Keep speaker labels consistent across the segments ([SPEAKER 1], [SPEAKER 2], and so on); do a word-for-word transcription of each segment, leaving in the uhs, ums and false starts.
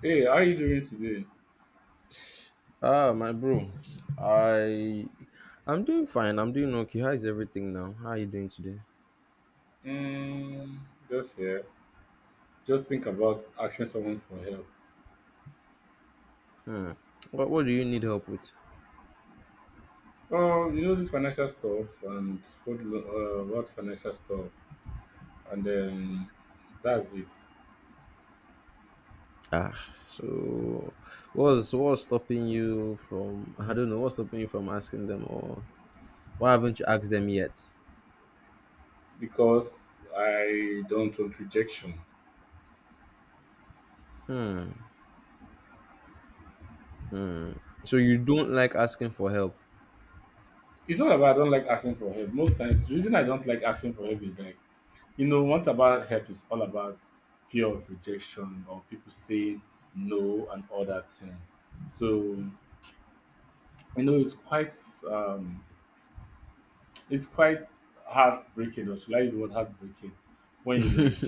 [SPEAKER 1] Hey, how are you doing today?
[SPEAKER 2] Ah, my bro. I I'm doing fine. I'm doing okay. How is everything now? How are you doing today?
[SPEAKER 1] Mm, just here. Just think about asking someone for help.
[SPEAKER 2] Hmm. What what do you need help with?
[SPEAKER 1] Oh, you know this financial stuff and what lo- uh, what financial stuff, and then that's it.
[SPEAKER 2] Ah, so what's what's stopping you from I don't know, what's stopping you from asking them or why haven't you asked them yet?
[SPEAKER 1] Because I don't want rejection.
[SPEAKER 2] Hmm. Hmm. So you don't like asking for help?
[SPEAKER 1] It's not about I don't like asking for help. Most times, the reason I don't like asking for help is like you know, what about help is all about fear of rejection or people saying no and all that thing. So you know, it's quite um, It's quite heartbreaking, or should I use the word heartbreaking, when you like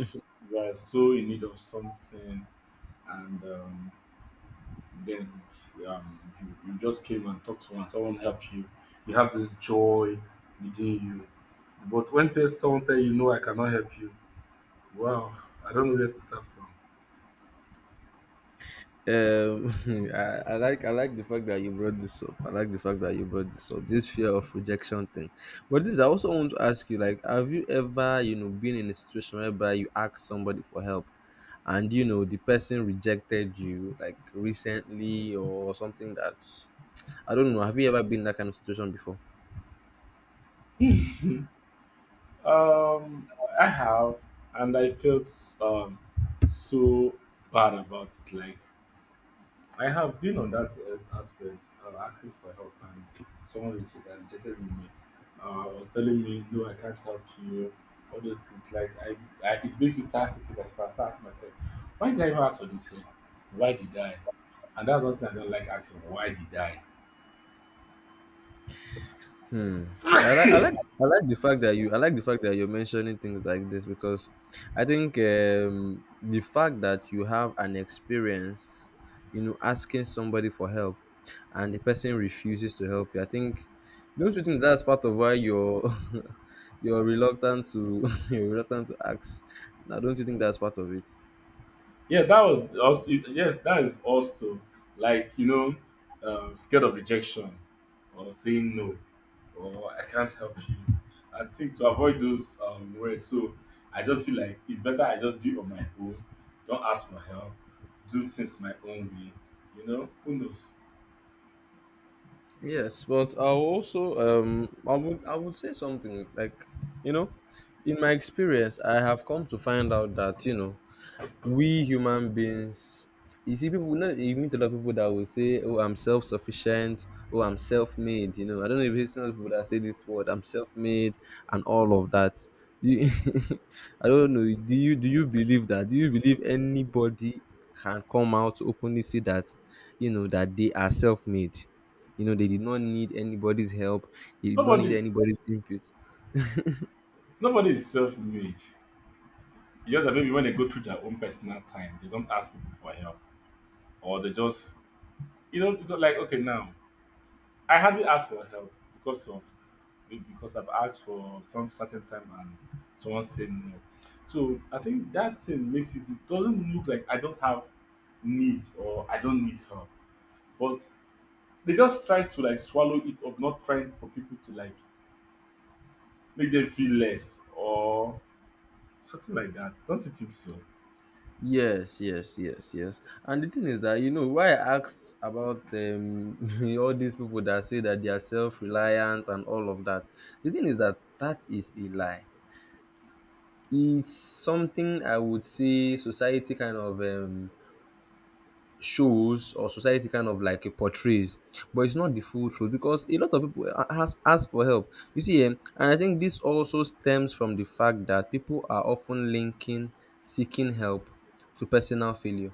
[SPEAKER 1] you are so in need of something, and um, then um, you, you just came and talked to one, someone helped you. You have this joy within you, but when there's someone tell you, "No, I cannot help you," wow, I don't know where to start from.
[SPEAKER 2] Um, I, I like I like the fact that you brought this up. I like the fact that you brought this up. This fear of rejection thing. But this I also want to ask you, like, have you ever, you know, been in a situation whereby you asked somebody for help and you know the person rejected you like recently or something that I don't know. Have you ever been in that kind of situation before?
[SPEAKER 1] um, I have, and I felt um so bad about it. Like I have been on that uh, aspect, uh, asking for help, and someone reached uh, rejected me, uh, was telling me, "No, I can't help you." All those things, like I, I it makes me start hitting myself. I start asking myself, "Why did I even ask for this help? Why did I?" And that's one thing I don't like asking. Why did I?
[SPEAKER 2] Hmm. I like I like I like the fact that you I like the fact that you're mentioning things like this because I think um, the fact that you have an experience, you know, asking somebody for help, and the person refuses to help you. I think don't you think that's part of why you're you're reluctant to you're reluctant to ask? Now, don't you think that's part of it?
[SPEAKER 1] Yeah, that was also yes, that is also like you know, um, scared of rejection or saying no or I can't help you. I think to avoid those um, words, so I just feel like it's better I just do it on my own. Don't ask for help. Do things my own way. You know, who knows?
[SPEAKER 2] Yes, but I also um I would I would say something like you know, in my experience, I have come to find out that you know we human beings you see people know you meet a lot of people that will say oh I'm self-sufficient, oh I'm self-made, you know I don't know if it's not people that say this word, I'm self-made and all of that you, I don't know do you do you believe that, do you believe anybody can come out to openly say that you know that they are self-made, you know they did not need anybody's help, they did not need
[SPEAKER 1] Nobody,
[SPEAKER 2] anybody's input.
[SPEAKER 1] nobody is self-made. It's just that maybe when they go through their own personal time, they don't ask people for help or they just you know because like okay now I hardly ask for help because of because I've asked for some certain time and someone said no. So I think that thing makes it it doesn't look like I don't have needs or I don't need help. But they just try to like swallow it up, not trying for people to like make them feel less or something like that. Don't you think so?
[SPEAKER 2] Yes, yes, yes, yes. And the thing is that, you know, why I asked about um, all these people that say that they are self reliant and all of that, the thing is that that is a lie. It's something I would say society kind of um, shows, or society kind of like portrays, but it's not the full truth because a lot of people a- ask, ask for help. You see, um, and I think this also stems from the fact that people are often linking seeking help to personal failure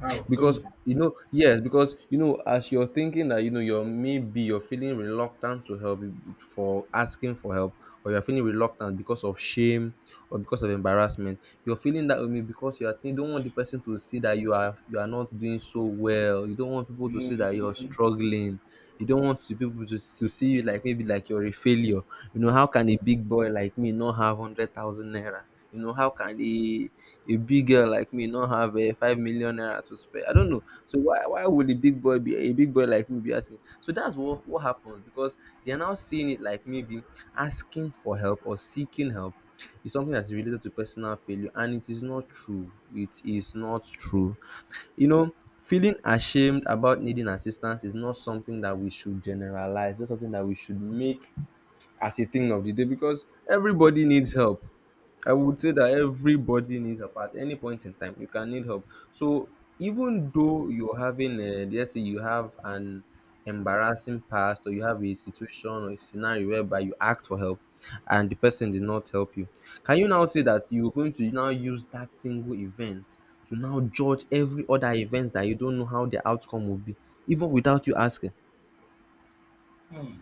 [SPEAKER 1] How? Tell me.
[SPEAKER 2] because you know yes because you know as you're thinking that you know you're maybe you're feeling reluctant to help you- for asking for help or you're feeling reluctant because of shame or because of embarrassment, you're feeling that way because you are think, don't want the person to see that you are you are not doing so well, you don't want people to see that you're
[SPEAKER 1] Mm,
[SPEAKER 2] struggling, you don't want to people to, to see you like maybe like you're a failure. You know, how can a big boy like me not have one hundred thousand naira? You know, how can a a big girl like me not have a five million naira to spare? I don't know. So why why would a big boy be a big boy like me be asking? So that's what what happens because they are now seeing it like maybe asking for help or seeking help is something that's related to personal failure, and it is not true. It is not true. You know, feeling ashamed about needing assistance is not something that we should generalize, not something that we should make as a thing of the day, because everybody needs help. I would say that everybody needs help at any point in time. You can need help. So even though you're having, a, let's say, you have an embarrassing past, or you have a situation or a scenario whereby you asked for help and the person did not help you, can you now say that you're going to now use that single event to now judge every other event that you don't know how the outcome will be, even without you asking?
[SPEAKER 1] hmm.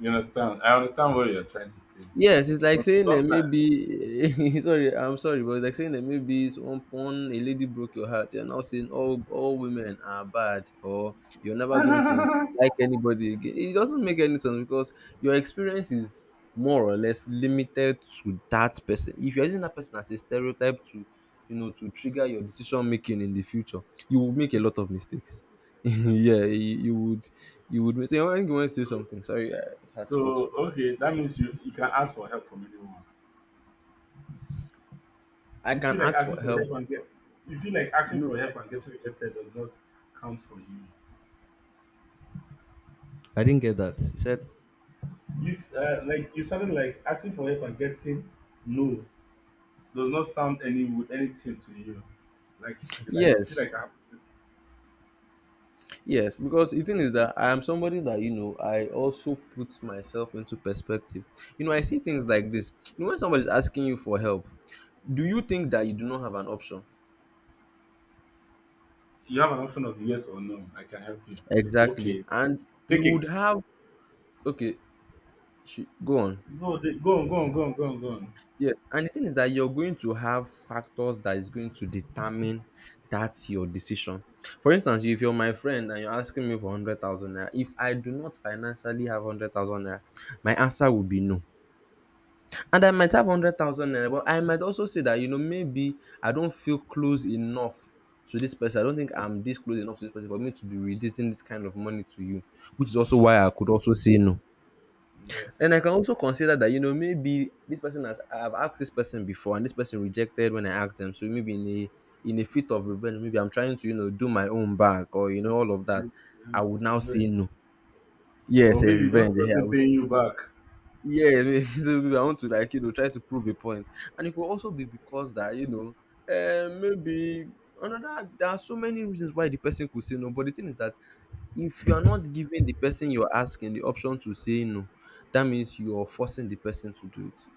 [SPEAKER 1] You understand? I understand what you're trying to say.
[SPEAKER 2] Yes, it's like
[SPEAKER 1] But
[SPEAKER 2] saying that maybe sorry, I'm sorry, but it's like saying that maybe it's one, one a lady broke your heart. You're now saying all all women are bad or you're never going to
[SPEAKER 1] sometimes.
[SPEAKER 2] like anybody again. It doesn't make any sense because your experience is more or less limited to that person. If you're using that person as a stereotype to you know to trigger your decision making in the future, you will make a lot of mistakes. Yeah, you, you would you would say I think you want to say something. Sorry, I had to cut
[SPEAKER 1] So,
[SPEAKER 2] you.
[SPEAKER 1] okay, that means you, you can ask for help from anyone.
[SPEAKER 2] I
[SPEAKER 1] You
[SPEAKER 2] can
[SPEAKER 1] feel like
[SPEAKER 2] ask for
[SPEAKER 1] asking for
[SPEAKER 2] help.
[SPEAKER 1] help and get you feel like asking
[SPEAKER 2] No,
[SPEAKER 1] for help and getting rejected does not count for you.
[SPEAKER 2] I didn't get that. He said,
[SPEAKER 1] You, uh, like you sounded like asking for help and getting no does not sound any anything to you. Like like you feel like
[SPEAKER 2] yes,
[SPEAKER 1] I-.
[SPEAKER 2] yes, because the thing is that I am somebody that you know I also put myself into perspective. You know, I see things like this. You know, when somebody is asking you for help, do you think that you do not have an option?
[SPEAKER 1] You have an option of yes or no. I can help you.
[SPEAKER 2] Exactly,
[SPEAKER 1] Okay,
[SPEAKER 2] and you
[SPEAKER 1] take it.
[SPEAKER 2] would have. Okay, sh- go on.
[SPEAKER 1] Go go on go on go on go on go on.
[SPEAKER 2] Yes, and the thing is that you're going to have factors that is going to determine that your decision. For instance, if you're my friend and you're asking me for hundred thousand naira, if I do not financially have hundred thousand naira, my answer would be no. And I might have hundred thousand naira, but I might also say that you know maybe I don't feel close enough to this person. I don't think I'm this close enough to this person for me to be releasing this kind of money to you, which is also why I could also say no. And I can also consider that, you know, maybe this person has I've asked this person before and this person rejected when I asked them. So maybe in a in a fit of revenge, maybe I'm trying to, you know, do my own back or you know, all of that.
[SPEAKER 1] No,
[SPEAKER 2] I would now say
[SPEAKER 1] revenge.
[SPEAKER 2] no.
[SPEAKER 1] Or
[SPEAKER 2] Yes, a
[SPEAKER 1] maybe you don't
[SPEAKER 2] revenge.
[SPEAKER 1] trust
[SPEAKER 2] Yeah, I
[SPEAKER 1] him
[SPEAKER 2] would
[SPEAKER 1] paying you back.
[SPEAKER 2] yeah, maybe I want to like you know try to prove a point, and it could also be because that you know um, maybe another there are so many reasons why the person could say no. But the thing is that if you are not giving the person you're asking the option to say no, that means you're forcing the person to do it.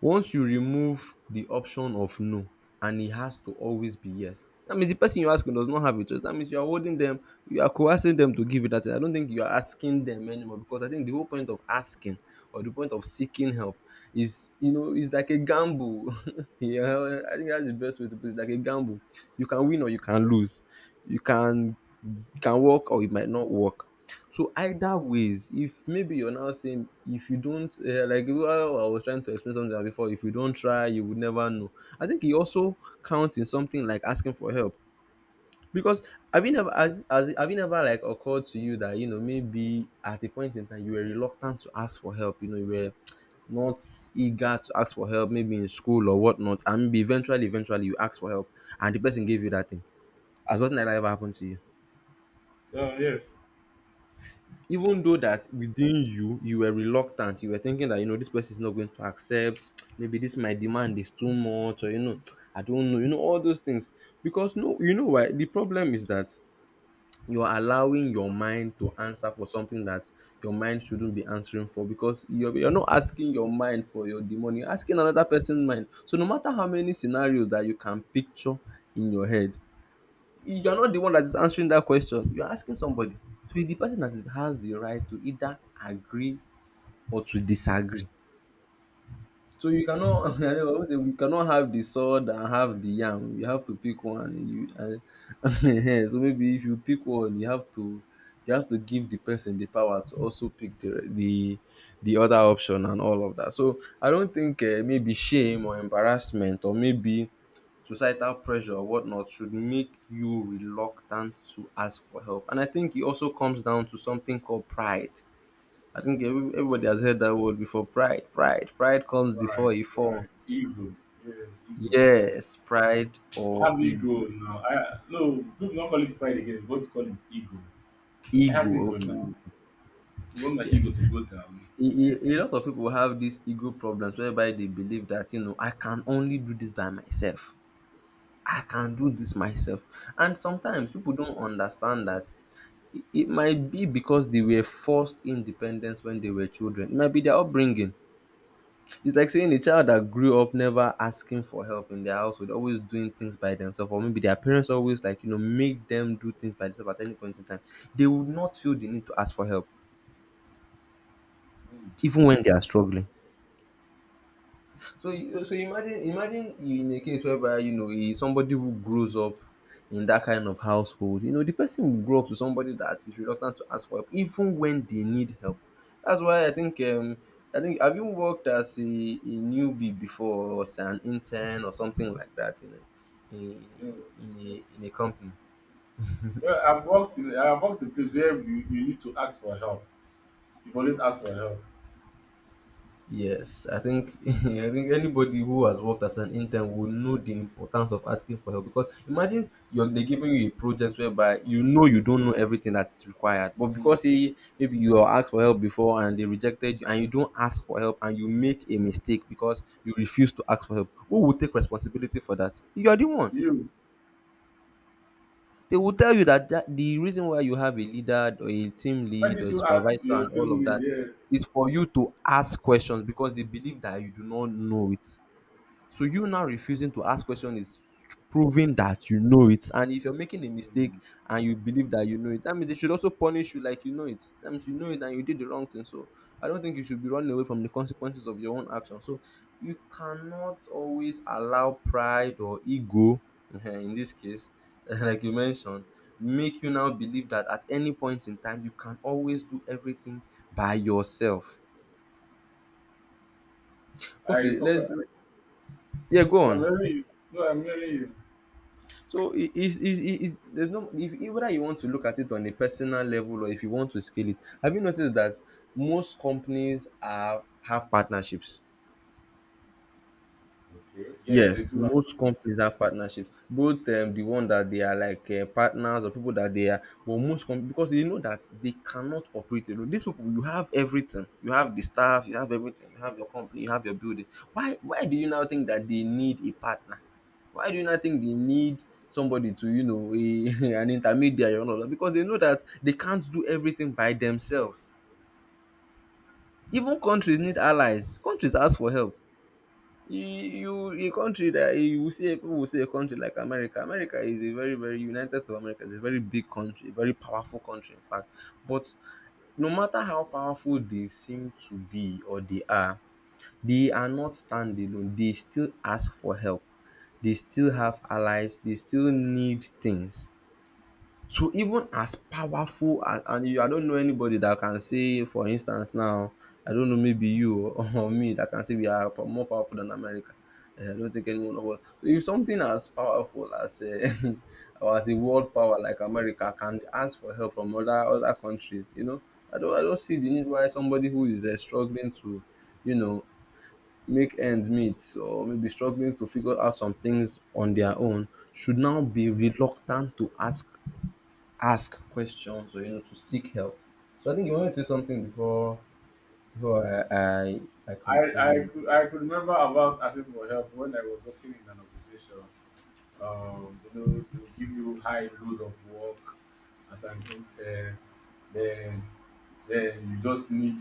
[SPEAKER 2] Once you remove the option of no and it has to always be yes, that means the person you're asking does not have a choice. That means you are holding them, you are coercing them to give you that thing. I don't think you are asking them anymore because I think the whole point of asking or the point of seeking help is, you know, it's like a gamble. Yeah, I think that's the best way to put it. Like a gamble, you can win or you can
[SPEAKER 1] Okay.
[SPEAKER 2] lose. You can can work or it might not work. So either ways, if maybe you're now saying if you don't uh, like well, I was trying to explain something before, if you don't try, you would never know. I think it also counts in something like asking for help because have you never as, as have you never like occurred to you that you know maybe at a point in time you were reluctant to ask for help. You know you were not eager to ask for help, maybe in school or whatnot, and maybe eventually, eventually you ask for help, and the person gave you that thing. Has nothing like that ever happened to you?
[SPEAKER 1] Oh yes.
[SPEAKER 2] Even though that within you you were reluctant, you were thinking that you know this person is not going to accept maybe this my demand is too much, or you know I don't know, you know, all those things because no you know why the problem is that you're allowing your mind to answer for something that your mind shouldn't be answering for because you're, you're not asking your mind for your demon, you're asking another person's mind, so no matter how many scenarios that you can picture in your head you're not the one that is answering that question, you're asking somebody, so it's the person that is, has the right to either agree or to disagree, so you cannot I you cannot have the sword and have the yam, you have to pick one you and so maybe if you pick one you have to you have to give the person the power to also pick the the the other option and all of that, so I don't think uh, maybe shame or embarrassment or maybe societal pressure or whatnot should make you reluctant to ask for help. And I think it also comes down to something called pride. I think every- everybody has heard that word before. Pride, pride, pride comes
[SPEAKER 1] Right,
[SPEAKER 2] before a fall.
[SPEAKER 1] right. Ego. Yes, ego, pride.
[SPEAKER 2] Yes, pride
[SPEAKER 1] I
[SPEAKER 2] or
[SPEAKER 1] have ego
[SPEAKER 2] ego.
[SPEAKER 1] now. I, no, people don't call it pride again. What to call is ego. I have
[SPEAKER 2] Ego,
[SPEAKER 1] ego
[SPEAKER 2] okay.
[SPEAKER 1] now. I want my ego
[SPEAKER 2] Yes.
[SPEAKER 1] to go down.
[SPEAKER 2] A, a- a lot of people have these ego problems whereby they believe that, you know, I can only do this by myself. I can do this myself. And sometimes people don't understand that it it might be because they were forced independence when they were children. It might be their upbringing. It's like saying a child that grew up never asking for help in their household, always doing things by themselves, or maybe their parents always like you know make them do things by themselves at any point in time. They would not feel the need to ask for help,
[SPEAKER 1] Mm,
[SPEAKER 2] even when they are struggling. So you- so imagine imagine you in a case whereby you know eh, somebody who grows up in that kind of household, you know the person will grow up to somebody that is reluctant to ask for help even when they need help. That's why I think um I think have you worked as a, a newbie before or as an intern or something like that in a in,
[SPEAKER 1] you know.
[SPEAKER 2] in a in a company?
[SPEAKER 1] Well, I've worked in I've worked in a place where you, you need to ask for help. You always ask for help.
[SPEAKER 2] Yes, I think I think anybody who has worked as an intern will know the importance of asking for help because imagine you're they're giving you a project whereby you know you don't know everything that is required, but
[SPEAKER 1] Mm.
[SPEAKER 2] because say maybe you were asked for help before and they rejected you and you don't ask for help and you make a mistake because you refuse to ask for help, who will take responsibility for that? You are the one.
[SPEAKER 1] You.
[SPEAKER 2] They will tell you that, that the reason why you have a leader or a team
[SPEAKER 1] Why
[SPEAKER 2] lead
[SPEAKER 1] did
[SPEAKER 2] or a
[SPEAKER 1] you ask
[SPEAKER 2] supervisor
[SPEAKER 1] your
[SPEAKER 2] and all of
[SPEAKER 1] teammate?
[SPEAKER 2] that
[SPEAKER 1] Yes.
[SPEAKER 2] is for you to ask questions because they believe that you do not know it. So you now refusing to ask question is proving that you know it. And if you're making a
[SPEAKER 1] Mm.
[SPEAKER 2] mistake and you believe that you know it, that means they should also punish you like you know it. That means you know it and you did the wrong thing. So I don't think you should be running away from the consequences of your own action. So you cannot always allow pride or ego in this case like you mentioned make you now believe that at any point in time you can always do everything by yourself.
[SPEAKER 1] I,
[SPEAKER 2] Okay,
[SPEAKER 1] okay.
[SPEAKER 2] let's yeah, go
[SPEAKER 1] No, I'm
[SPEAKER 2] on.
[SPEAKER 1] hearing you. No, I'm hearing you.
[SPEAKER 2] So it is is is there's no if if whether you want to look at it on a personal level or if you want to scale it, have you noticed that most companies are have partnerships?
[SPEAKER 1] Okay. Yes, they
[SPEAKER 2] Yes,
[SPEAKER 1] do have.
[SPEAKER 2] most companies have partnerships, both um, the one that they are like uh, partners or people that they are, but most com- because they know that they cannot operate alone. These people, you have everything, you have the staff, you have everything, you have your company, you have your building. Why, why do you now think that they need a partner? Why do you not think they need somebody to, you know, a, an intermediary or all Because they know that they can't do everything by themselves. Even countries need allies. Countries ask for help you, a country that you will see people will say a country like america america is a very very united states of america is a very big country a very powerful country in fact but no matter how powerful they seem to be or they are they are not standing alone they still ask for help they still have allies they still need things so even as powerful and and you I don't know anybody that can say for instance now, I don't know maybe you or or me that can say we are po more powerful than America. um I don't think anyone of us. So if something as powerful as um or as a world power like America can ask for help from other other countries, you know, I don't I don't see the need why somebody who is um struggling to, you know, make ends meet or maybe struggling to figure out some things on their own should now be reluctant to ask ask questions or you know to seek help. So I think you wanted to say something before before I I, I
[SPEAKER 1] I, I,
[SPEAKER 2] continue.
[SPEAKER 1] could, I could remember about asking for help when I was working in an organization. Um, you know, they will give you high load of work as an intern. Then, then you just need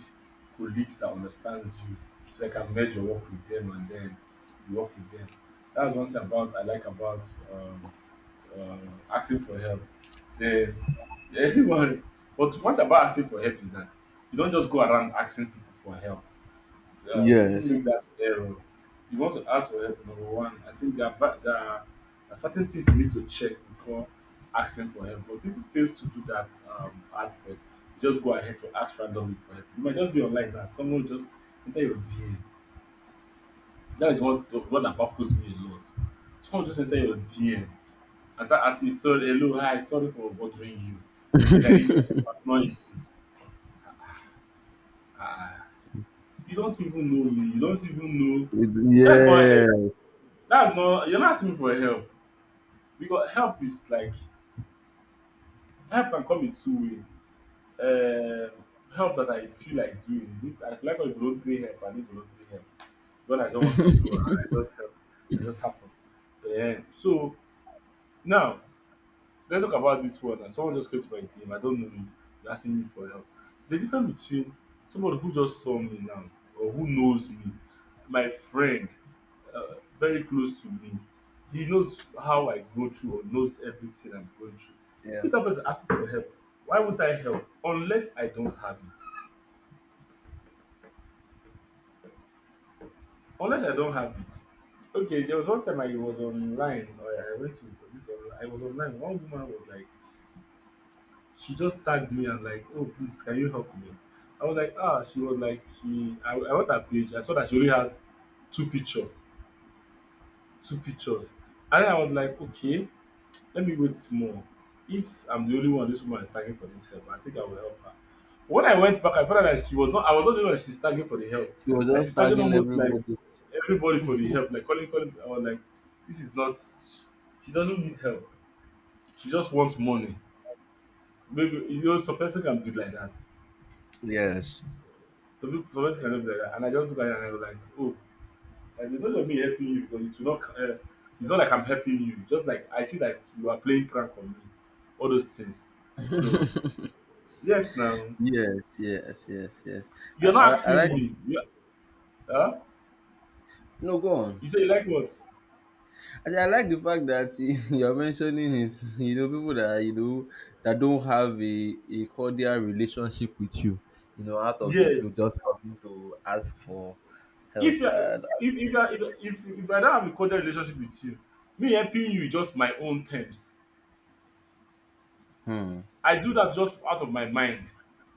[SPEAKER 1] colleagues that understands you, so you can merge your work with them, and then you work with them. That's one thing about I like about um, uh, asking for help. Then, everyone, but what about asking for help is that you don't just go around asking people for help, um, people
[SPEAKER 2] Yes.
[SPEAKER 1] make that error. You want to ask for help, number one. I think there are, va- there are there are certain things you need to check before asking for help, but people fail to do that, um, aspect. You just go ahead to ask randomly for help. You might just be online now. Someone will just enter your D M. That is what what that baffles me a lot. Someone just enter your D M and start asking, sorry, hello, hi, sorry for bothering you. Please, I need your help. I'm not eating. Ah, you don't even know me. You don't even know.
[SPEAKER 2] It-
[SPEAKER 1] That's not help.
[SPEAKER 2] yes.
[SPEAKER 1] That's not You're not asking me for help because help is like help can come in two way. Uh, Help that I feel like doing is it I like my voluntary help I need involuntary help. What I don't want to do and I just help it just happen. Um so now let's talk about this one, and someone just came to my team, I don't know you, you're asking me for help. The difference between somebody who just saw me now or who knows me, my friend, uh, very close to me, he knows how I go through or knows everything I'm going through.
[SPEAKER 2] Yeah.
[SPEAKER 1] If that person ask me for help, why won't I help unless I don't have it, unless I don't have it. Okay, there was one time I was online, or I went to this online, I was online, one woman was like, she just tagged me and like, "Oh please, can you help me?" I was like, ah, she was like she I, I went her page. I saw that she only had two picture two pictures, and then I was like, okay, let me wait small. If I'm the only one this woman is tagging for this help, I think I will help her. When I went back, I found out that she was not I was not the only one that she's tagging for the help.
[SPEAKER 2] She was
[SPEAKER 1] Like
[SPEAKER 2] just
[SPEAKER 1] she's tagging
[SPEAKER 2] tagging
[SPEAKER 1] almost like
[SPEAKER 2] everybody.
[SPEAKER 1] everybody for the help, like calling calling. I was like, this is not she doesn't need help. She just wants money. Maybe you know some person can do it like that.
[SPEAKER 2] Yes.
[SPEAKER 1] Some people some person can do it like that. And I just look at her, and I was like, oh, like there's not of me helping you because it's not uh, it's not like I'm helping you. Just like I see that you are playing prank on me. All those things. So yes, now.
[SPEAKER 2] Yes, yes, yes, yes. I,
[SPEAKER 1] You're not
[SPEAKER 2] I, I
[SPEAKER 1] asking
[SPEAKER 2] like
[SPEAKER 1] me. You huh?
[SPEAKER 2] no go on.
[SPEAKER 1] You say you like what?
[SPEAKER 2] I, I like the fact that you're mentioning it. You know, people that you know that don't have a, a cordial relationship with you, you know, out of the blue,
[SPEAKER 1] Yes.
[SPEAKER 2] just having to ask for
[SPEAKER 1] If
[SPEAKER 2] help.
[SPEAKER 1] you are
[SPEAKER 2] Uh,
[SPEAKER 1] if if you are if if if I don't have a cordial relationship with you, me helping you is just my own terms.
[SPEAKER 2] hmm.
[SPEAKER 1] I do that just out of my mind.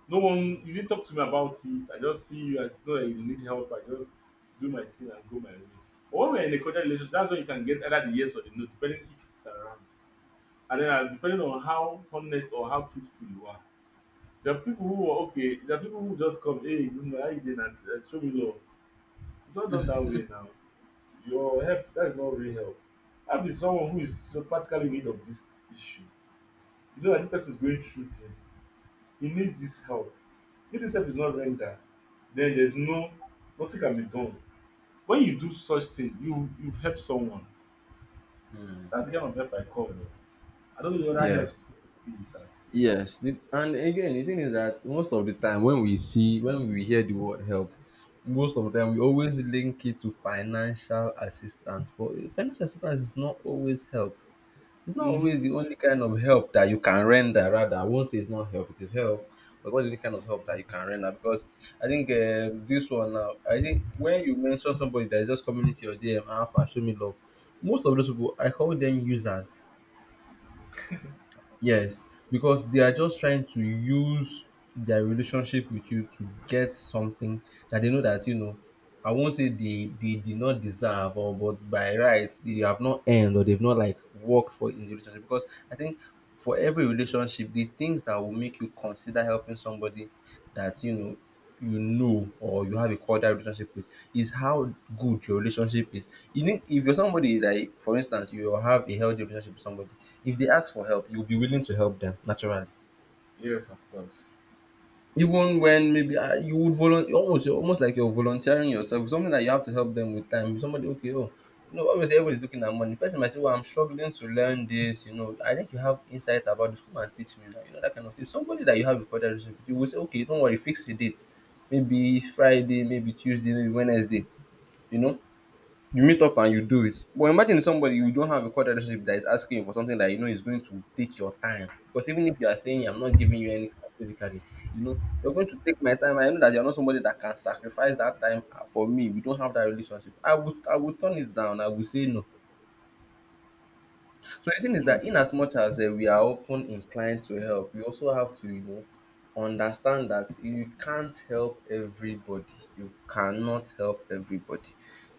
[SPEAKER 1] No one, you didn't talk to me about it. I just see you, I know that you need help, I just do my thing and go my way. But when we're in a cordial relationship, that's when you can get either the yes or the no, depending if it's around. And then, uh, depending on how honest or how truthful you are. There are people who are okay. There are people who just come, hey, you know, how you doing? And uh, show me love. It's not done that way now. Your help, that is not real help. Help is someone who is, you know, practically in need of this issue. You know that the person is going through this. He needs this help. If this help is not rendered, then there's no nothing can be done. When you do such thing, you you've helped someone. That's the kind of help I call it. I don't know what that help
[SPEAKER 2] Yes.
[SPEAKER 1] see it as.
[SPEAKER 2] Yes. The- And again, the thing is that most of the time when we see, when we hear the word help, most of the time we always link it to financial assistance. But financial assistance is not always help. It's not
[SPEAKER 1] Mm-hmm.
[SPEAKER 2] always the only kind of help that you can render. Rather, I won't say it's not help, it is help. But what is the kind of help that you can render? Because I think uh, this one now, I think when you mention somebody that is just coming into your D M, Alpha, show me love, most of those people, I call them users. Yes, because they are just trying to use their relationship with you to get something that they know that you know. I won't say they they did not deserve, or but by rights they have not earned or they've not like worked for in the relationship. Because I think for every relationship, the things that will make you consider helping somebody that you know you know or you have a cordial relationship with is how good your relationship is. You know, if you're somebody like for instance you have a healthy relationship with somebody if they ask for help, you'll be willing to help them naturally.
[SPEAKER 1] Yes, of course.
[SPEAKER 2] Even when maybe ah, you would volunteer, almost almost like you're volunteering yourself. Something that you have to help them with time. Somebody, okay, oh, you know, obviously everybody's looking at money. Person might say, well, I'm struggling to learn this. You know, I think you have insight about this. Come and teach me now. You know that kind of thing. Somebody that you have recorded relationship with, you will say, okay, don't worry, fix the date. Maybe Friday, maybe Tuesday, maybe Wednesday. You know, you meet up and you do it. But imagine somebody you don't have a core relationship that is asking you for something that you know is going to take your time. Because even if you are saying I'm not giving you anything physically, you know, you're going to take my time. I know that you're not somebody that can sacrifice that time uh, for me. We don't have that relationship. I will I will turn it down. I will say no. So the thing is
[SPEAKER 1] Hmm.
[SPEAKER 2] that in as much as uh, we are often inclined to help, we also have to, you know, understand that you can't help everybody. You cannot help everybody.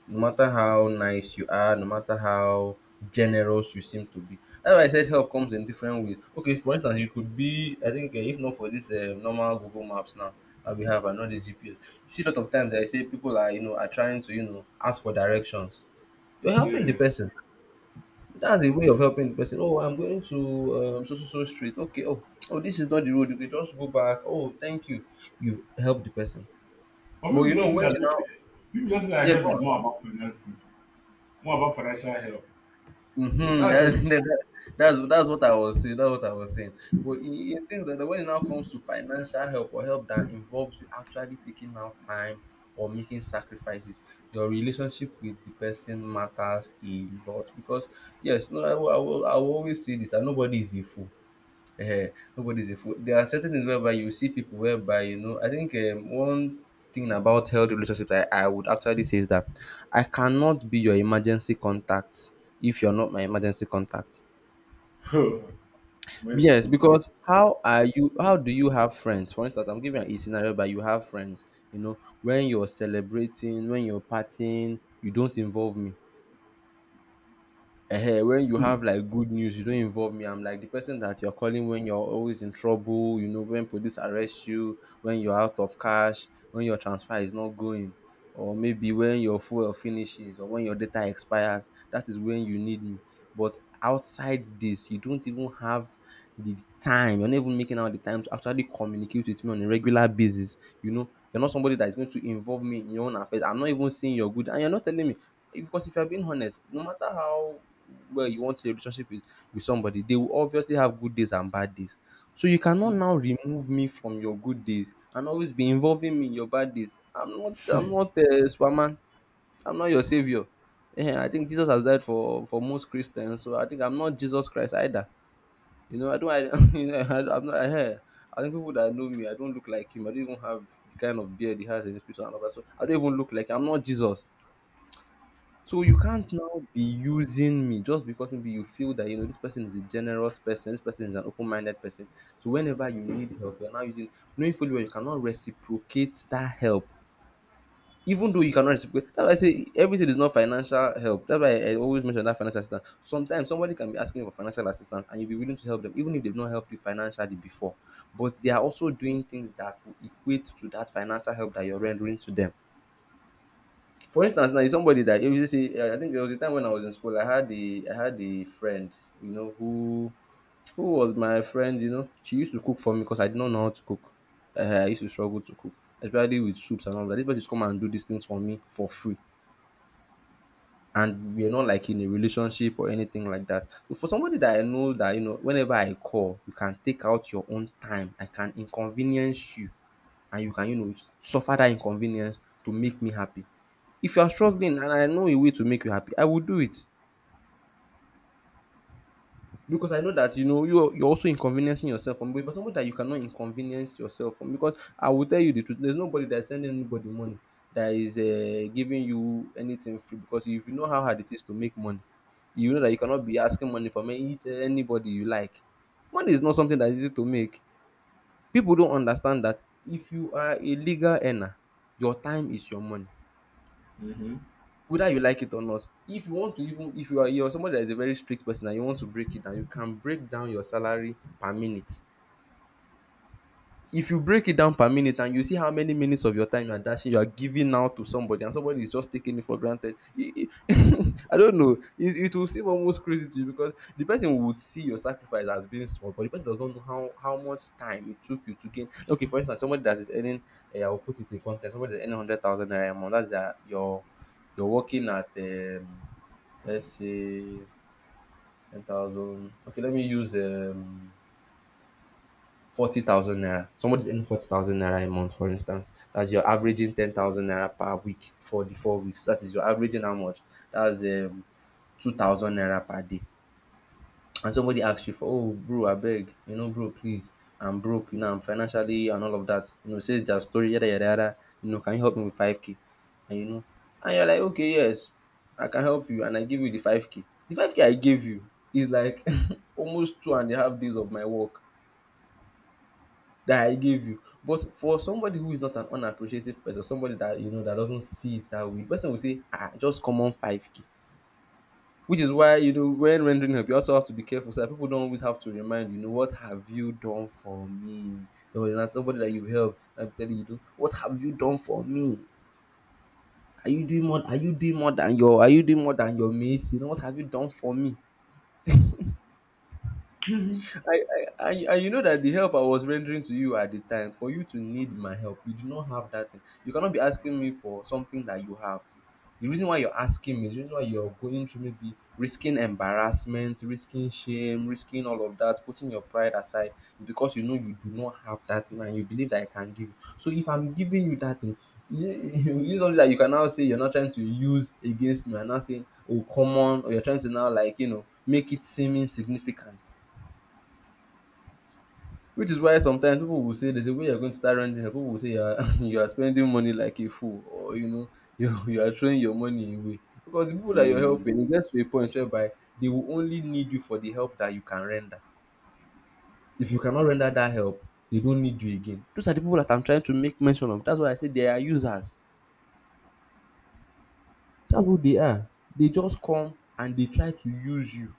[SPEAKER 2] No matter how nice you are, no matter how generous you seem to be. That's why I said help comes in different ways. Okay, for instance, you could be, I think, uh, if not for this uh, normal Google Maps now that we have and not the G P S, you see a lot of times eh, I say people are, you know, are trying to, you know, ask for directions. You're helping the
[SPEAKER 1] Yeah.
[SPEAKER 2] person that's a way of helping the person. Oh, I'm going to um, so so so street. Okay. Oh, oh, this is not the road. You can just go back. Oh, thank you. You've helped the person.
[SPEAKER 1] But
[SPEAKER 2] But
[SPEAKER 1] people
[SPEAKER 2] you know
[SPEAKER 1] just think
[SPEAKER 2] when
[SPEAKER 1] that
[SPEAKER 2] you now
[SPEAKER 1] people just think that
[SPEAKER 2] yeah
[SPEAKER 1] help
[SPEAKER 2] go
[SPEAKER 1] is
[SPEAKER 2] on.
[SPEAKER 1] more about finances, more about financial help.
[SPEAKER 2] Mm-hmm.
[SPEAKER 1] That's just.
[SPEAKER 2] That, that's that's what I was saying. That's what I was saying. But you think that when it now comes to financial help or help that involves you actually taking out time or making sacrifices, your relationship with the person matters a lot because yes, no, I will, I will, I will always say this. That nobody is a fool um nobody's a fool. There are certain things whereby you see people whereby you know. I think um, one thing about healthy relationships I, I would actually say is that I cannot be your emergency contact if you're not my emergency contact.
[SPEAKER 1] Oh, mercy
[SPEAKER 2] Yes,
[SPEAKER 1] contact.
[SPEAKER 2] because how are you? How do you have friends? For instance, I'm giving an easy scenario But you have friends. You know, when you're celebrating, when you're partying, you don't involve me. Uh when you have
[SPEAKER 1] Mm-hmm.
[SPEAKER 2] like good news, you don't involve me. I'm like the person that you're calling when you're always in trouble, you know, when police arrest you, when you're out of cash, when your transfer is not going, or maybe when your fuel finishes or when your data expires. That is when you need me. But outside this, you don't even have the time, you're not even making out the time to actually communicate with me on a regular basis. You know, you're not somebody that is going to involve me in your own affairs. I'm not even saying you're good and you're not telling me, because if you're being honest, no matter how well you want a relationship with, with somebody, they will obviously have good days and bad days. So you cannot now remove me from your good days and always be involving me in your bad days. I'm not i'm not uh, superman I'm not your savior. Eh, I think Jesus has died for for most Christians, so I think I'm not Jesus Christ either. You know, I don't, I, you know, I, I'm not, I, I think people that know me, I don't look like him. I don't even have the kind of beard he has in his picture and all that. So I don't even look like, I'm not Jesus. So you can't now be using me just because maybe you feel that, you know, this person is a generous person, this person is an open-minded person. So whenever you need help, you're now using, knowing fully well you cannot reciprocate that help. Even though you cannot reciprocate, that's why I say everything is not financial help. That's why i, I always mention that financial assistance, sometimes somebody can be asking for financial assistance and you'll be willing to help them even if they've not helped you financially before, but they are also doing things that will equate to that financial help that you're rendering to them. For instance now, is somebody that you see, I think there was a time when I was in school, I had a, i had a friend, you know, who who was my friend, you know. She used to cook for me because I did not know how to cook. uh, I used to struggle to cook, especially with soups and all that. This person come and do these things for me for free, and we're not like in a relationship or anything like that. So for somebody that I know that, you know, whenever I call, you can take out your own time, I can inconvenience you, and you can, you know, suffer that inconvenience to make me happy. If you are struggling and I know a way to make you happy, I will do it. Because I know that, you know, you're you're also inconveniencing yourself from. But for somebody that you cannot inconvenience yourself from, because I will tell you the truth, there's nobody that's sending anybody money, that is um giving you anything free, because if you know how hard it is to make money, you know that you cannot be asking money from any anybody you like. Money is not something that is easy to make. People don't understand that if you are a legal earner, your time is your money,
[SPEAKER 1] Mm-hmm.
[SPEAKER 2] whether you like it or not. If you want to, even if you are, you're somebody that is a very strict person and you want to break it down, you can break down your salary per minute. If you break it down per minute and you see how many minutes of your time you are dashing, you are giving out to somebody, and somebody is just taking it for granted, e e I don't know, it it will seem almost crazy to you, because the person would see your sacrifice as being small, but the person does not know how how much time it took you to gain. Okay, for instance, somebody that is earning um I will put it in context, somebody that is earning one hundred thousand naira a month, that's their your you're working at um let's see, ten thousand. Okay, let me use um forty thousand naira. Somebody's earning forty thousand naira a month, for instance. That's your averaging ten thousand naira per week for the four weeks. That is your averaging how much? That's um two thousand naira per day. And somebody asks you for, oh bro, I beg, you know, bro, please, I'm broke, you know, I'm financially and all of that, you know, says their story, yada yada yada, you know, can you help me with five k? And you know, and you're like, okay, yes, I can help you, and I give you the five k. The five k I gave you is like almost two and a half days of my work that I gave you. But for somebody who is not an unappreciative person, somebody that, you know, that doesn't see it that way, the person will say, ah, just common five k. Which is why, you know, when rendering help, you also have to be careful, so that people don't always have to remind you, you know, what have you done for me? Somebody that somebody that you've helped and telling you, you know, what have you done for me? Are you doing more? Are you doing more than your? Are you doing more than your mates? You know, what have you done for me? I, I, I and you know that the help I was rendering to you at the time, for you to need my help, you do not have that thing. You cannot be asking me for something that you have. The reason why you're asking me, the reason why you're going through maybe risking embarrassment, risking shame, risking all of that, putting your pride aside, is because you know you do not have that thing and you believe that I can give you. So if I'm giving you that thing, is it, is something that you can now say you're not trying to use against me, and now saying, oh, come on, or you're trying to now, like, you know, make it seem insignificant? Which is why sometimes people will say, there's a way you're going to start running, people will say you are you are spending money like a fool, or you know, you you are throwing your money away. Because the people that you're
[SPEAKER 1] Mm-hmm.
[SPEAKER 2] helping, it gets to a point whereby they will only need you for the help that you can render. If you cannot render that help, they don't need you again. Those are the people that I'm trying to make mention of. That's why I say they are users. That's who they are. They just come and they try to use you.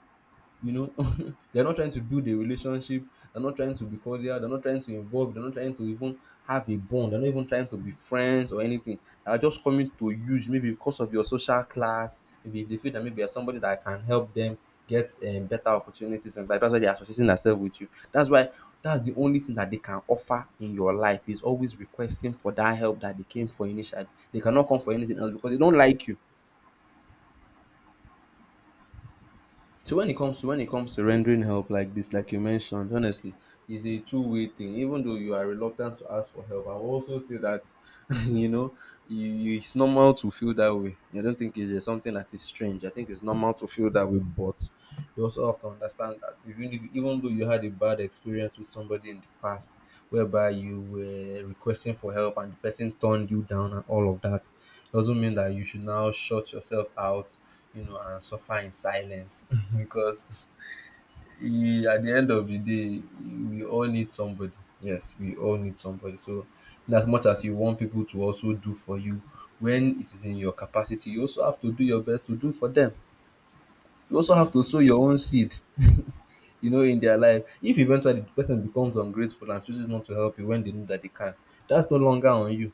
[SPEAKER 2] You know, they're not trying to build a relationship, they're not trying to be cordial, they're not trying to involve, they're not trying to even have a bond, they're not even trying to be friends or anything. They're just coming to use, maybe because of your social class, maybe if they feel that maybe you're somebody that can help them get um, better opportunities and like, that's why they're associating themselves with you. That's why that's the only thing that they can offer in your life, is always requesting for that help that they came for initially. They cannot come for anything else because they don't like you. So when it comes to, when it comes to rendering help like this, like you mentioned, honestly, it's a two-way thing. Even though you are reluctant to ask for help, I will also say that you know, you, you- it's normal to feel that way. I don't think it's just something that is strange. I think it's normal to feel that way, but you also have to understand that, even if, even though you had a bad experience with somebody in the past, whereby you were requesting for help and the person turned you down and all of that, doesn't mean that you should now shut yourself out, you know, and suffer in silence because eh, at the end of the day, we all need somebody. Yes, we all need somebody. So, in as much as you want people to also do for you, when it is in your capacity, you also have to do your best to do for them. You also have to sow your own seed, you know, in their life. If eventually the person becomes ungrateful and chooses not to help you when they know that they can, that's no longer on you.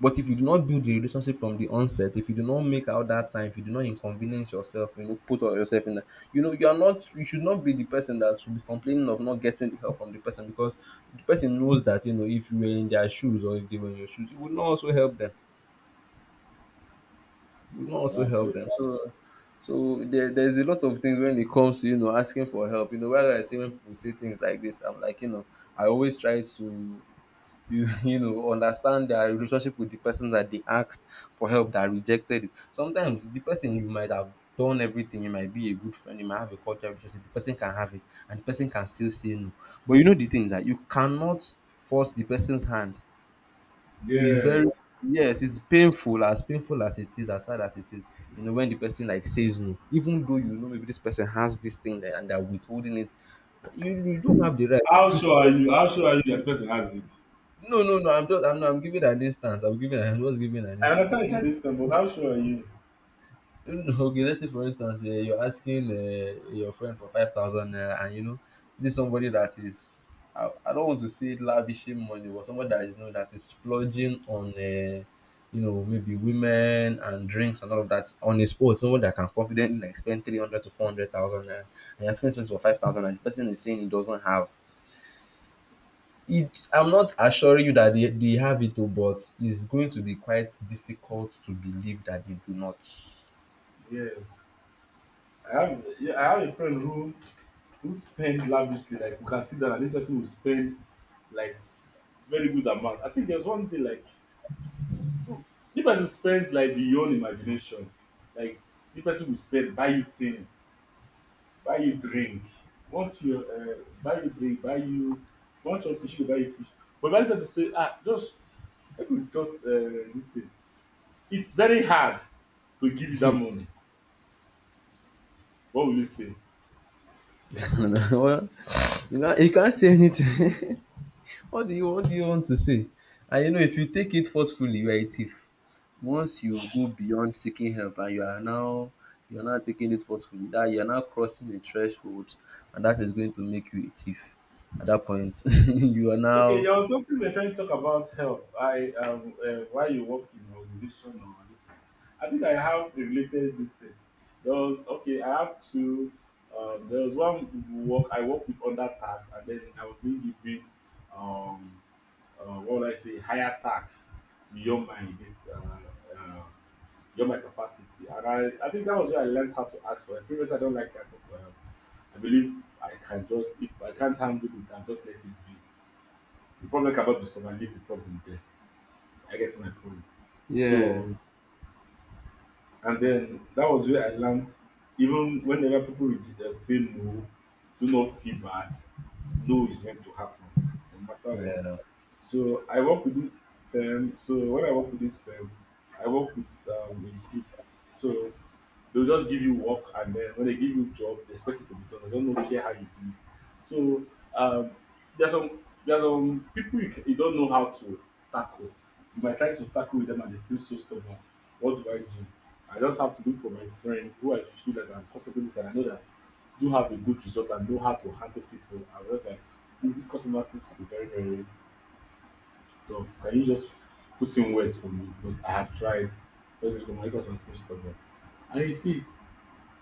[SPEAKER 2] But if you do not build the relationship from the onset, if you do not make out that time, if you do not inconvenience yourself, you know, put all yourself in that, you know, you are not, you should not be the person that should be complaining of not getting the help from the person because the person knows that, you know, if you were in their shoes or if they were in your shoes, you would not also help them. You would not also
[SPEAKER 1] Wow.
[SPEAKER 2] help
[SPEAKER 1] So
[SPEAKER 2] them. So, so there, there's a lot of things when it comes to, you know, asking for help. You know, whether I say when people say things like this, I'm like, you know, I always try to you you know understand their relationship with the person that they asked for help that rejected it. Sometimes the person, you might have done everything, you might be a good friend, you might have a cordial relationship, the person can have it and the person can still say no. But you know the thing is that you cannot force the person's hand. It's very
[SPEAKER 1] yes.
[SPEAKER 2] yes, it's painful, as painful as it is, as sad as it is, you know, when the person like says no, even though you know maybe this person has this thing that and they're withholding it, you, you don't have the right
[SPEAKER 1] How
[SPEAKER 2] if you
[SPEAKER 1] sure are you?
[SPEAKER 2] feel
[SPEAKER 1] How sure are you that person has it?
[SPEAKER 2] no, no, no. I'm just, I'm, not, I'm giving an instance. I'm giving, I'm just giving an
[SPEAKER 1] I
[SPEAKER 2] instance.
[SPEAKER 1] understand you
[SPEAKER 2] You
[SPEAKER 1] can't
[SPEAKER 2] know,
[SPEAKER 1] discount, but how sure are you?
[SPEAKER 2] you know, okay. Let's say, for instance, uh, you're asking uh, your friend for five thousand, uh, and you know, this is somebody that is, I, I don't want to say lavishing money, but somebody that is, you know, that is splurging on, uh, you know, maybe women and drinks and all of that on his own. Someone that can confidently like spend three hundred to four hundred thousand, uh, and you're asking this for five thousand, and the person is saying he doesn't have. It I'm not assuring you that they they have it, oh, but it's going to be quite difficult to believe that they do not.
[SPEAKER 1] Yes. I have yeah, I have a friend who who spend lavishly. Like we can see that this person will spend like very good amount. I think there's one day like the person spends like beyond imagination, like the person will spend buy you things buy you drink, want you uh, buy you drink buy you want your fish go buy you fish, but when the person say, ah, just I we just, uh, this thing, it's very hard to give you that money, what will you say?
[SPEAKER 2] Well, you know, you can't say anything. What do you what do you want to say? And you know, if you take it forcefully, you are a thief. Once you go beyond seeking help and you are now you're now taking it forcefully, that you're now crossing a threshold, and that is going to make you a thief. At that point, you are
[SPEAKER 1] Okay,
[SPEAKER 2] now
[SPEAKER 1] there was something we we're trying to talk about health. I, um uh, why you work in organization or this thing. I think I have a related this thing. There was okay, I have two um there was one work I work with under tax, and then I was being given um uh, what would I say, higher tax beyond my this uh beyond my capacity. And I, I think that was where I learned how to ask for it. Previously I don't like asking for help. I believe I can just if I can't handle it, I just let it be. The problem cannot be solved. I leave the problem there. I get my point.
[SPEAKER 2] yeah.
[SPEAKER 1] So, and then that was where I learned even whenever people reject, uh, say no, do not feel bad. No is meant to happen, no matter what.
[SPEAKER 2] Yeah.
[SPEAKER 1] So, I work with this firm. So, when I work with this firm, I work with um, a group. So, they'll just give you work, and then when they give you job, they expect it to be done. They don't know care how you do it. So um, there's some there's some people you, ca- you don't know how to tackle. If I try to tackle with them and they seem so stubborn, what do I do? I just have to look for my friend who I feel that I'm comfortable with and I know that do have a good result and know how to handle people. I was like, "Please, this customer seems to be very, very tough. Can you just put in words for me? Because I have tried. Don't go, my customer seems stubborn." And you see,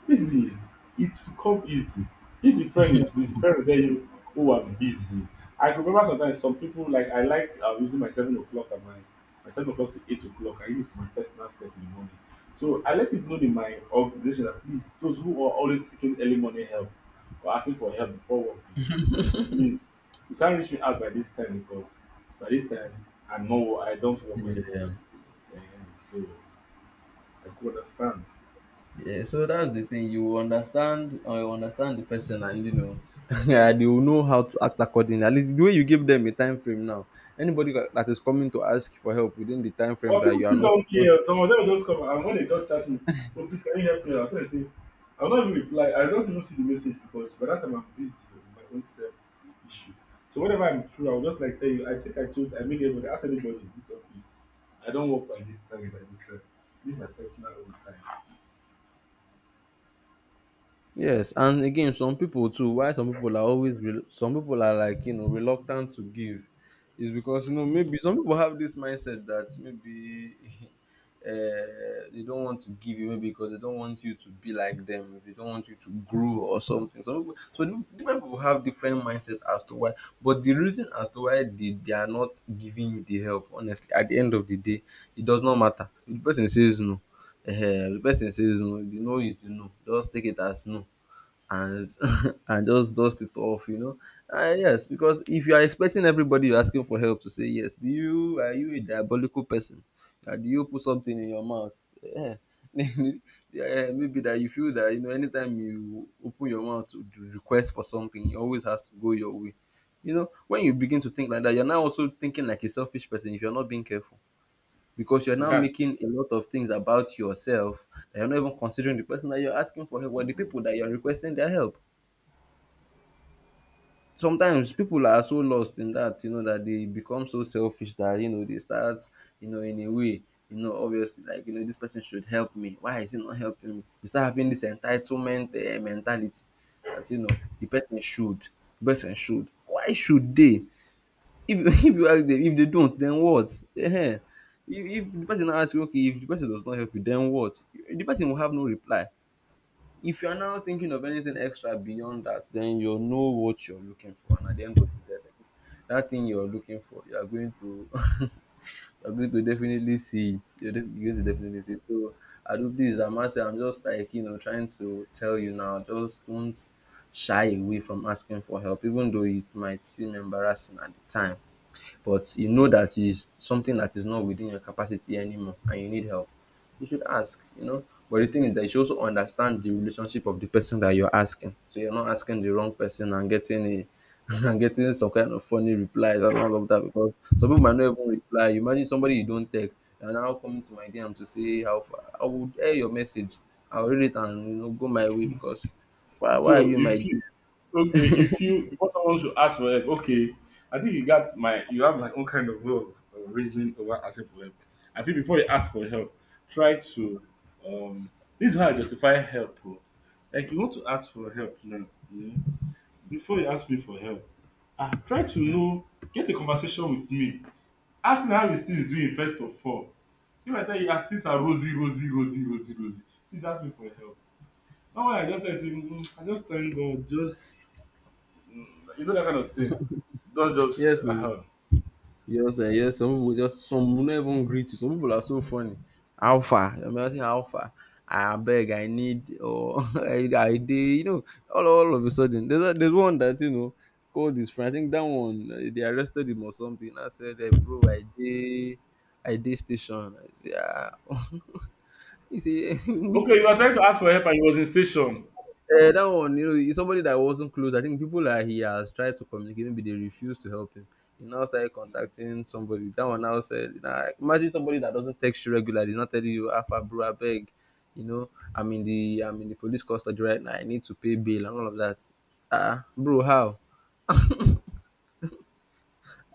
[SPEAKER 1] busy, it's become easy. If the friend is busy, friend will tell you, "Oh, I'm busy." I could remember sometimes some people like I like uh, using my seven o'clock at my my seven o'clock to eight o'clock. I use it for my personal self in the morning. So I let it know in my organization that please, those who are always seeking early morning help or asking for help before work begins, please, you can't reach me out by this time, because by this time I'm not wo- I don't work by this
[SPEAKER 2] Yeah.
[SPEAKER 1] time. And so I could understand.
[SPEAKER 2] Yeah, so that's the thing. You understand or you understand the person, and you know, yeah, they will know how to act accordingly. At least the way you give them a time frame now, anybody that that is coming to ask for help within the time frame
[SPEAKER 1] But
[SPEAKER 2] that
[SPEAKER 1] people
[SPEAKER 2] you are
[SPEAKER 1] still
[SPEAKER 2] not
[SPEAKER 1] don't
[SPEAKER 2] supposed.
[SPEAKER 1] care. Some of them will just come and when they just chat me, oh please can you help me? I'll tell you say I'll not even reply. I don't even see the message because by that time I'm busy with my own self issue. So whenever I'm through, I'll just like tell you, I think I told I made everybody ask anybody in this office. I don't work by this time by this time. This is my personal own time.
[SPEAKER 2] Yes, and again, some people too. Why some people are always re- some people are like you know reluctant to give, is because you know maybe some people have this mindset that maybe uh, they don't want to give you maybe because they don't want you to be like them. They don't want you to grow or something. So people, so different people have different mindset as to why. But the reason as to why they, they are not giving you the help, honestly, at the end of the day, it does not matter. If the person says no, uh, the person says no, you know it, you know. Just take it as no and and just dust it off, you know. Uh, yes, because if you are expecting everybody you're asking for help to say yes, do you are you a diabolical person? Uh, do you put something in your mouth? Yeah. Yeah, maybe that you feel that you know anytime you open your mouth to d- request for something, it always has to go your way. You know, when you begin to think like that, you're now also thinking like a selfish person if you're not being careful. Because you're now
[SPEAKER 1] That's
[SPEAKER 2] making a lot of things about yourself that you're not even considering the person that you're asking for help or the people that you're requesting their help. Sometimes people are so lost in that, you know, that they become so selfish that, you know, they start, you know, in a way, you know, obviously, like, you know, this person should help me. Why is he not helping me? You start having this entitlement uh, mentality that, you know, the person should, the person should. Why should they? If, if you ask them, if they don't, then what? Ehen. If, if the person asks you, okay, if the person does not help you, then what? The person will have no reply. If you are now thinking of anything extra beyond that, then you'll know what you're looking for. And at the end of the day, I think that thing you're looking for, you are going to you're going to definitely see it. You're, def- you're going to definitely see it. So I do please, I must say, I'm just like you know trying to tell you now, just don't shy away from asking for help, even though it might seem embarrassing at the time, but you know that is something that is not within your capacity anymore and you need help, you should ask, you know. But the thing is that you should also understand the relationship of the person that you're asking, so you're not asking the wrong person and getting a and getting some kind of funny replies and all of that, because some people might not even reply. You imagine somebody you don't text and now coming to my D M to say how far, I would air your message. I'll read it and you know go my way because why why are
[SPEAKER 1] so
[SPEAKER 2] you in my
[SPEAKER 1] if
[SPEAKER 2] D M?
[SPEAKER 1] you okay, if you because someone should ask for help, okay. I think you got my you have my own kind of way of uh, reasoning over asking for help. I think before you ask for help, try to um this is how I justify help. Oh. Like you want to ask for help now, you know, before you ask me for help, ah, try to know get a conversation with me. Ask me how you still doing, first of all. If I tell you ah, things are rosy, rosy, rosy, rosy, rosy, please ask me for help. Now when I just tell you say, "Mm, I just thank God, just you know that kind of thing." Don't just.
[SPEAKER 2] Yes,
[SPEAKER 1] Uh-huh.
[SPEAKER 2] just um yes, some pipu go just some will not even greet you. Some pipu na so funny. How far? You might say how far? Abeg I need or I dey you know all all of a sudden. There's a, there's one that you know called his friend. I think dat one dey arrested him or something, now said um "bro, I dey I dey station." I say um he say
[SPEAKER 1] Okay, you are trying to ask for help and he was in station.
[SPEAKER 2] eh, that one, you know, he's somebody that wasn't close. I think people that he has tried to communicate, maybe they refuse to help him. He now started contacting somebody. That one now said, nah, imagine somebody that doesn't text you regularly, he's not telling you, Alpha, bro, I beg. You know, I'm in the I'm in the police custody right now. I need to pay bail and all of that. Ah, bro, how?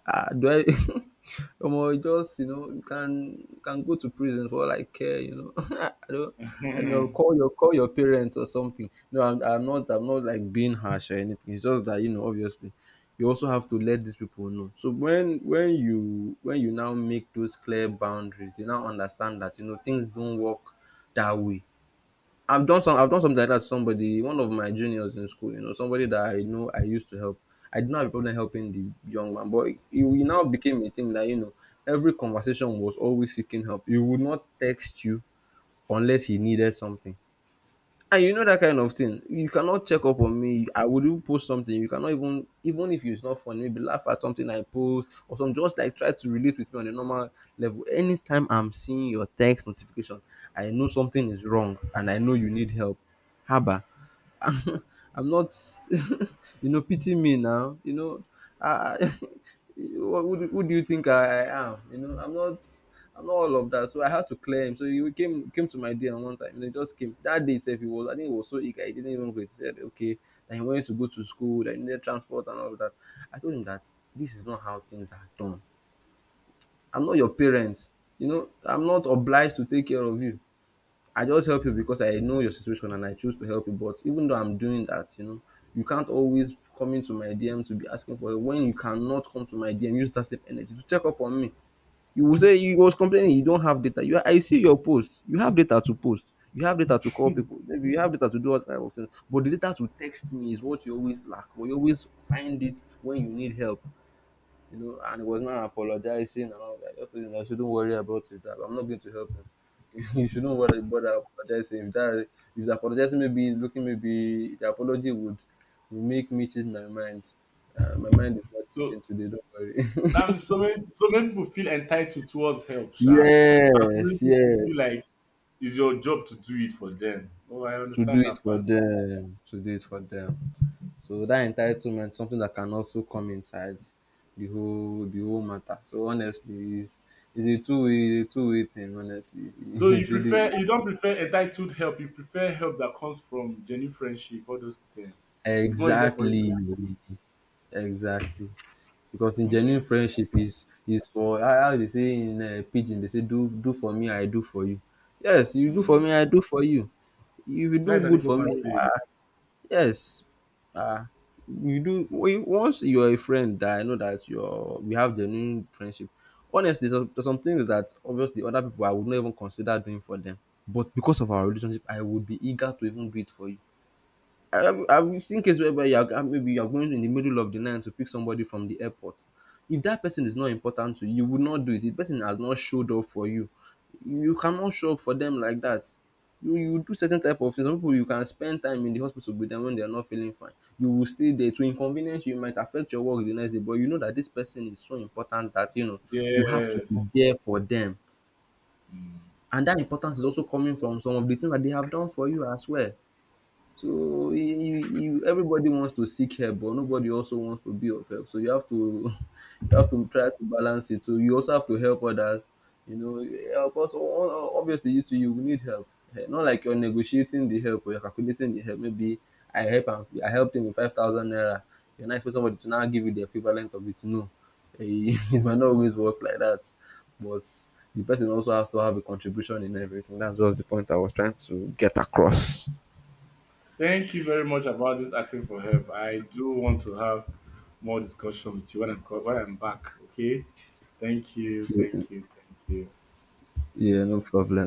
[SPEAKER 2] Ah, do I Omo, you just, you know, you can you can go to prison for all I care, you know. I don't I know, call your call your parents or something. No, I'm I'm not I'm not like being harsh or anything. It's just that, you know, obviously you also have to let these people know. So when when you when you now make those clear boundaries, they now understand that, you know, things don't work that way. I've done some. I've done something like that. To somebody, one of my juniors in school, you know, somebody that I know I used to help. I did not have a problem helping the young man, but it, it now became a thing that you know every conversation was always seeking help. He would not text you unless he needed something. And you know that kind of thing. You cannot check up on me. I would even post something. You cannot even, even if it's not funny, maybe laugh at something I post or some, just like try to relate with me on a normal level. Anytime I'm seeing your text notification, I know something is wrong and I know you need help. Haba. I'm not, you know, pity me now. You know, I, wha- who, do- who do you think I, I am? You know, I'm not, I'm not all of that. So I had to clear him. So he came, came to my D M one time. You know, he just came that day. Itself, he was, I think he was so eager. He didn't even wait. He said, okay, that he wanted to go to school, that he needed transport and all of that. I told him that this is not how things are done. I'm not your parents. You know, I'm not obliged to take care of you. I just help you because I know your situation and I choose to help you. But even though I'm doing that, you know, you can't always come into my D M to be asking for it when you cannot come to my D M. Use that same energy to check up on me. You will say you was complaining you don't have data. You, I see your post. You have data to post. You have data to call people. Maybe you have data to do all kinds of things. But the data to text me is what you always lack. But you always find it when you need help, you know, and he was not apologizing and all that. I just told him I shouldn't worry about it. I'm not going to help him. You shouldn't worry bother apologizing. If that if he's apologizing, maybe looking, maybe the apology would will make me change my mind. Uh, my mind is not
[SPEAKER 1] So
[SPEAKER 2] changing today. Don't
[SPEAKER 1] that
[SPEAKER 2] worry.
[SPEAKER 1] means so many so many people feel entitled towards help, sha. And so many
[SPEAKER 2] Yes,
[SPEAKER 1] people
[SPEAKER 2] yes.
[SPEAKER 1] feel like it's your job to do it for them. Oh, I
[SPEAKER 2] To do
[SPEAKER 1] understand
[SPEAKER 2] it
[SPEAKER 1] that
[SPEAKER 2] for
[SPEAKER 1] part.
[SPEAKER 2] them. To do it for them. So dat entitlement is something dat can also come inside the whole the whole matter. So honestly, is is a two way two way thing honestly.
[SPEAKER 1] So
[SPEAKER 2] It
[SPEAKER 1] you
[SPEAKER 2] really
[SPEAKER 1] prefer you don't prefer entitled help, you prefer help that comes from genuine friendship, all those things. It's more easier for you
[SPEAKER 2] exactly.
[SPEAKER 1] to do.
[SPEAKER 2] Exactly, because in
[SPEAKER 1] Okay.
[SPEAKER 2] genuine friendship is is for how how dey say in um pidgin dey say do do for me I do for you. Yes, you do for
[SPEAKER 1] Mm.
[SPEAKER 2] me I do for you. If you
[SPEAKER 1] That
[SPEAKER 2] do
[SPEAKER 1] is an
[SPEAKER 2] good
[SPEAKER 1] able
[SPEAKER 2] for
[SPEAKER 1] man
[SPEAKER 2] me,
[SPEAKER 1] saying.
[SPEAKER 2] yes, ah, you do we once you're a friend that I know that you're we have genuine friendship. Honestly, there's, there's some things that obviously other people I would not even consider doing for them, but because of our relationship, I would be eager to even do it for you. I, I've seen cases whereby you are, maybe you are going in the middle of the night to pick somebody from the airport. If that person is not important to you, you would not do it. The person has not showed up for you. You cannot show up for them like that. You, you do certain type of things. Some people you can spend time in the hospital with them when they are not feeling fine. You will stay there to inconvenience you. It might affect your work the next day, but you know that this person is so important that you know you have to be
[SPEAKER 1] Yes.
[SPEAKER 2] there for them.
[SPEAKER 1] Mm.
[SPEAKER 2] And that importance is also coming from some of the things that they have done for you as well. So you you you everybody wants to seek help, but nobody also wants to be of help. So you have to you have to try to balance it. So you also have to help others. You know, help us. o- Obviously, you too, you will need help. Eh, not like you're negotiating the help or you're calculating the help. Maybe I help him. I helped him with five thousand naira. You're not expecting somebody to now give you the equivalent of it. No, eh, it might not always work like that. But the person also has to have a contribution in everything. That's just the point I was trying to cross.
[SPEAKER 1] Thank you very much about this asking for help. I do want to have more discussion with you when I'm co- when I'm back. Okay. Thank you. Thank you. Thank you.
[SPEAKER 2] Yeah, no problem.